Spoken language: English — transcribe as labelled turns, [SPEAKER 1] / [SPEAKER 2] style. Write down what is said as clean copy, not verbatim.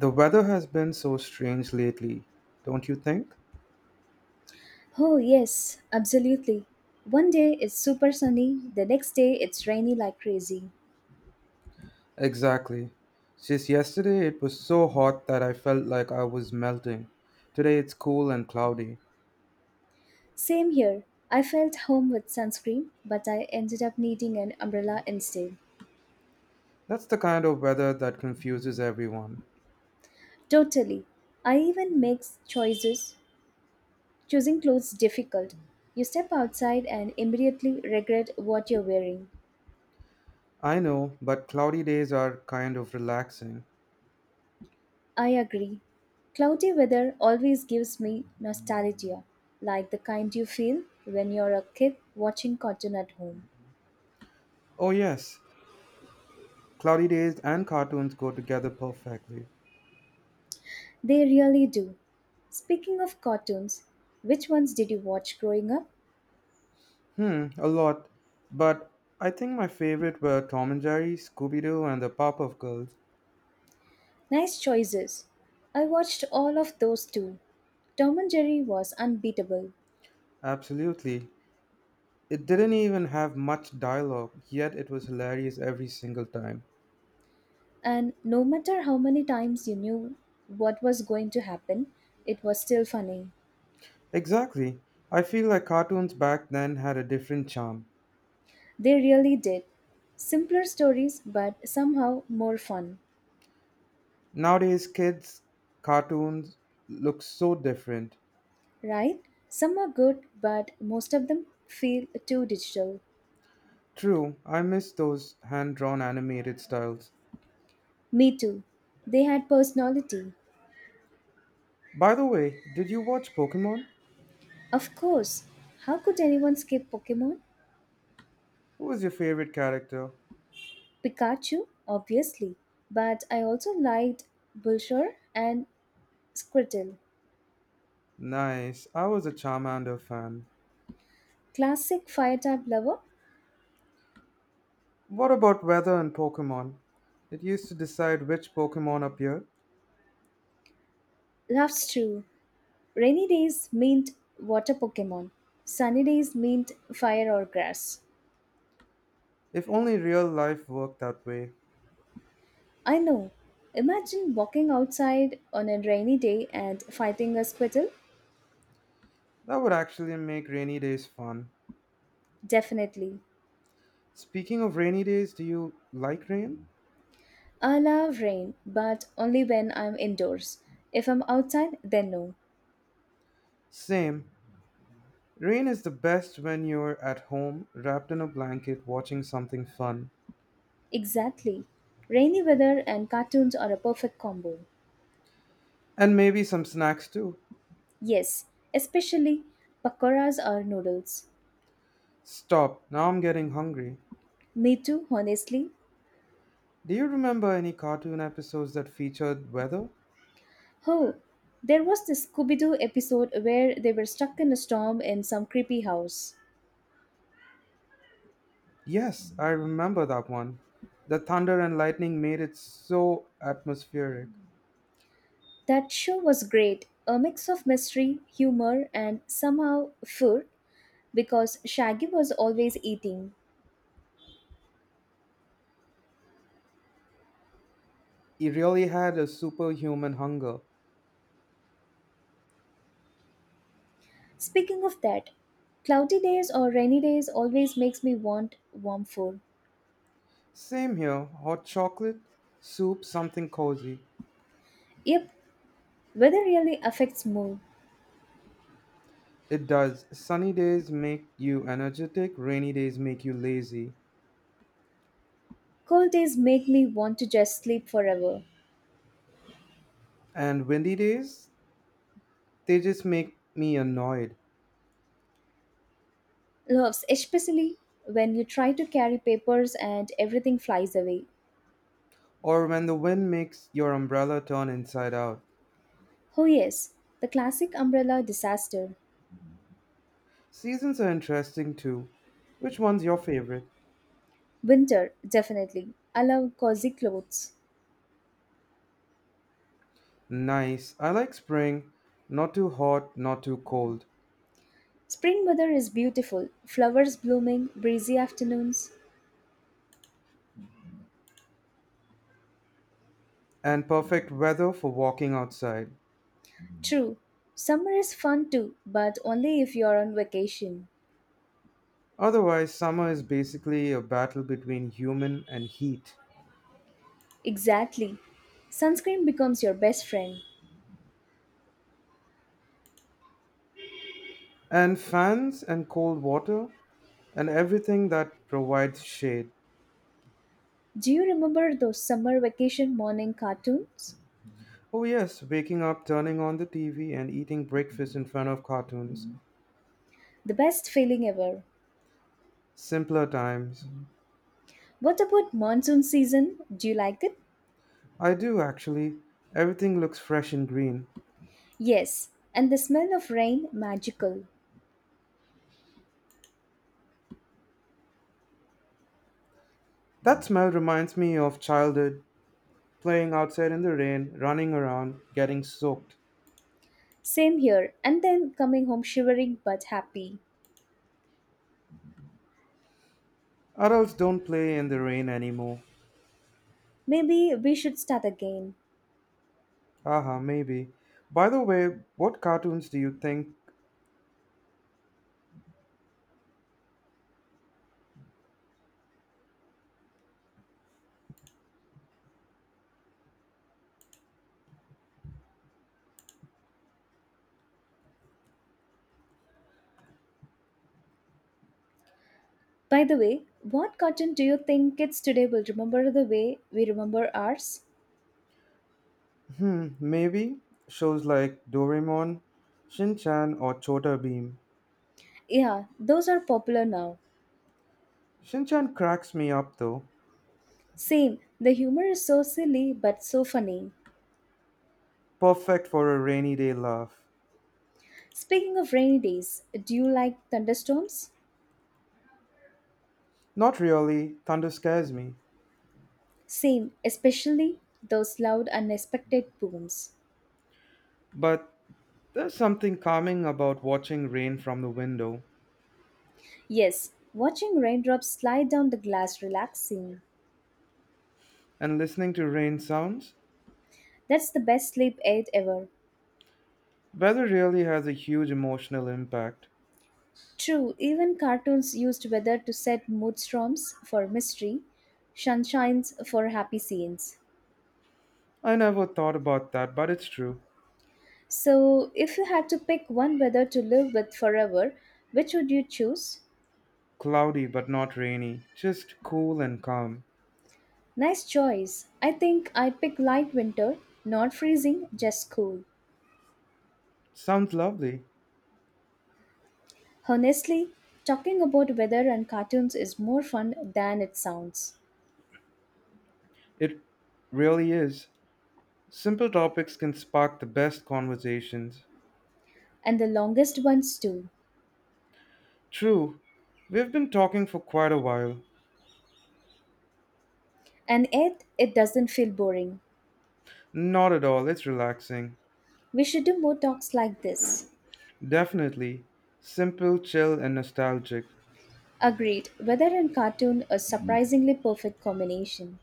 [SPEAKER 1] The weather has been so strange lately, don't you think?
[SPEAKER 2] Oh, yes, absolutely. One day it's super sunny, the next day it's rainy like crazy.
[SPEAKER 1] Exactly. Just yesterday it was so hot that I felt like I was melting. Today it's cool and cloudy.
[SPEAKER 2] Same here. I felt home with sunscreen, but I ended up needing an umbrella instead.
[SPEAKER 1] That's the kind of weather that confuses everyone.
[SPEAKER 2] Totally. I even make choices, choosing clothes difficult. You step outside and immediately regret what you're wearing.
[SPEAKER 1] I know, but cloudy days are kind of relaxing.
[SPEAKER 2] I agree. Cloudy weather always gives me nostalgia, like the kind you feel when you're a kid watching cartoon at home.
[SPEAKER 1] Oh, yes, cloudy days and cartoons go together perfectly.
[SPEAKER 2] They really do. Speaking of cartoons, which ones did you watch growing up?
[SPEAKER 1] A lot. But, I think my favorite were Tom and Jerry, Scooby Doo, and the Pop Up Girls.
[SPEAKER 2] Nice choices. I watched all of those too. Tom and Jerry was unbeatable,
[SPEAKER 1] Absolutely. It didn't even have much dialogue, yet it was hilarious every single time.
[SPEAKER 2] and no matter how many times you knew what was going to happen, it was still funny.
[SPEAKER 1] Exactly. I feel like cartoons back then had a different charm.
[SPEAKER 2] They really did. Simpler stories, but somehow more fun,
[SPEAKER 1] Nowadays, kids' cartoons look so different.
[SPEAKER 2] right? Some are good, but most of them feel too digital.
[SPEAKER 1] True, I miss those hand drawn animated styles.
[SPEAKER 2] Me too. They had personality.
[SPEAKER 1] By the way, did you watch Pokemon?
[SPEAKER 2] Of course, how could anyone skip Pokemon?
[SPEAKER 1] Who was your favorite character?
[SPEAKER 2] Pikachu, obviously, but I also liked Bulsure and Squirtle.
[SPEAKER 1] Nice, I was a Charmander fan.
[SPEAKER 2] Classic fire type lover
[SPEAKER 1] What about weather in Pokemon? It used to decide which Pokemon appeared.
[SPEAKER 2] loves true. Rainy days meant water Pokemon, sunny days meant fire or grass.
[SPEAKER 1] If only real life worked that way.
[SPEAKER 2] I know. Imagine walking outside on a rainy day and fighting a Squirtle?
[SPEAKER 1] That would actually make rainy days fun.
[SPEAKER 2] Definitely.
[SPEAKER 1] Speaking of rainy days, do you like rain?
[SPEAKER 2] I love rain, but only when I'm indoors. If I'm outside, then no.
[SPEAKER 1] Same. Rain is the best when you're at home, wrapped in a blanket, watching something fun.
[SPEAKER 2] Exactly. Rainy weather and cartoons are a perfect combo.
[SPEAKER 1] And maybe some snacks too.
[SPEAKER 2] Yes, especially pakoras or noodles.
[SPEAKER 1] Stop, now I'm getting hungry.
[SPEAKER 2] Me too, honestly.
[SPEAKER 1] Do you remember any cartoon episodes that featured weather?
[SPEAKER 2] Oh, there was this Scooby Doo episode where they were stuck in a storm in some creepy house.
[SPEAKER 1] Yes, I remember that one. The thunder and lightning made it so atmospheric.
[SPEAKER 2] That show was great, a mix of mystery, humor, and somehow food because Shaggy was always eating.
[SPEAKER 1] It really had a superhuman hunger.
[SPEAKER 2] Speaking of that, cloudy days or rainy days always makes me want warm food.
[SPEAKER 1] Same here, hot chocolate, soup, something cozy.
[SPEAKER 2] Yep, weather really affects mood.
[SPEAKER 1] It does. Sunny days make you energetic, rainy days make you lazy,
[SPEAKER 2] Cold days make me want to just sleep forever.
[SPEAKER 1] and windy days, they just make me annoyed.
[SPEAKER 2] Loves, especially when you try to carry papers and everything flies away.
[SPEAKER 1] Or when the wind makes your umbrella turn inside out.
[SPEAKER 2] Oh, yes, the classic umbrella disaster.
[SPEAKER 1] Seasons are interesting too. Which one's your favorite?
[SPEAKER 2] Winter, definitely. I love cozy clothes.
[SPEAKER 1] Nice. I like spring. Not too hot, not too cold.
[SPEAKER 2] Spring weather is beautiful, flowers blooming, breezy afternoons.
[SPEAKER 1] And perfect weather for walking outside.
[SPEAKER 2] True, summer is fun too, but only if you're on vacation.
[SPEAKER 1] Otherwise, summer is basically a battle between human and heat.
[SPEAKER 2] Exactly. Sunscreen becomes your best friend.
[SPEAKER 1] And fans and cold water and everything that provides shade.
[SPEAKER 2] Do you remember those summer vacation morning cartoons?
[SPEAKER 1] Oh, yes, waking up, turning on the TV, and eating breakfast in front of cartoons.
[SPEAKER 2] The best feeling ever.
[SPEAKER 1] Simpler times.
[SPEAKER 2] What about monsoon season? Do you like it?
[SPEAKER 1] I do, actually. Everything looks fresh and green.
[SPEAKER 2] Yes, and the smell of rain, magical.
[SPEAKER 1] That smell reminds me of childhood, playing outside in the rain, running around, getting soaked.
[SPEAKER 2] Same here, and then coming home shivering but happy.
[SPEAKER 1] Adults don't play in the rain anymore.
[SPEAKER 2] Maybe we should start again.
[SPEAKER 1] Haha, maybe. By the way, what cartoons do you think
[SPEAKER 2] By the way, what cartoon do you think kids today will remember the way we remember ours?
[SPEAKER 1] Maybe shows like Doraemon, Shin-chan, or Chota Beam.
[SPEAKER 2] Yeah, those are popular now.
[SPEAKER 1] Shin-chan cracks me up though.
[SPEAKER 2] Same, the humor is so silly but so funny.
[SPEAKER 1] Perfect for a rainy day laugh.
[SPEAKER 2] Speaking of rainy days, do you like thunderstorms?
[SPEAKER 1] Not really, thunder scares me.
[SPEAKER 2] Same, especially those loud, unexpected booms.
[SPEAKER 1] But, there's something calming about watching rain from the window
[SPEAKER 2] Yes, watching raindrops slide down the glass relaxing.
[SPEAKER 1] and listening to rain sounds.
[SPEAKER 2] That's the best sleep aid ever.
[SPEAKER 1] Weather really has a huge emotional impact.
[SPEAKER 2] True, even cartoons used weather to set mood storms for mystery, sunshines for happy scenes.
[SPEAKER 1] I never thought about that, but it's true.
[SPEAKER 2] So, if you had to pick one weather to live with forever, which would you choose?
[SPEAKER 1] Cloudy but not rainy, just cool and calm.
[SPEAKER 2] Nice choice. I think I'd pick light winter, not freezing, just cool.
[SPEAKER 1] Sounds lovely.
[SPEAKER 2] Honestly, talking about weather and cartoons is more fun than it sounds,
[SPEAKER 1] It really is. Simple topics can spark the best conversations.
[SPEAKER 2] and the longest ones too.
[SPEAKER 1] True, we've been talking for quite a while.
[SPEAKER 2] And yet, it doesn't feel boring.
[SPEAKER 1] Not at all, it's relaxing.
[SPEAKER 2] We should do more talks like this.
[SPEAKER 1] Definitely. Simple, chill, and nostalgic.
[SPEAKER 2] Agreed, weather and cartoon a surprisingly perfect combination.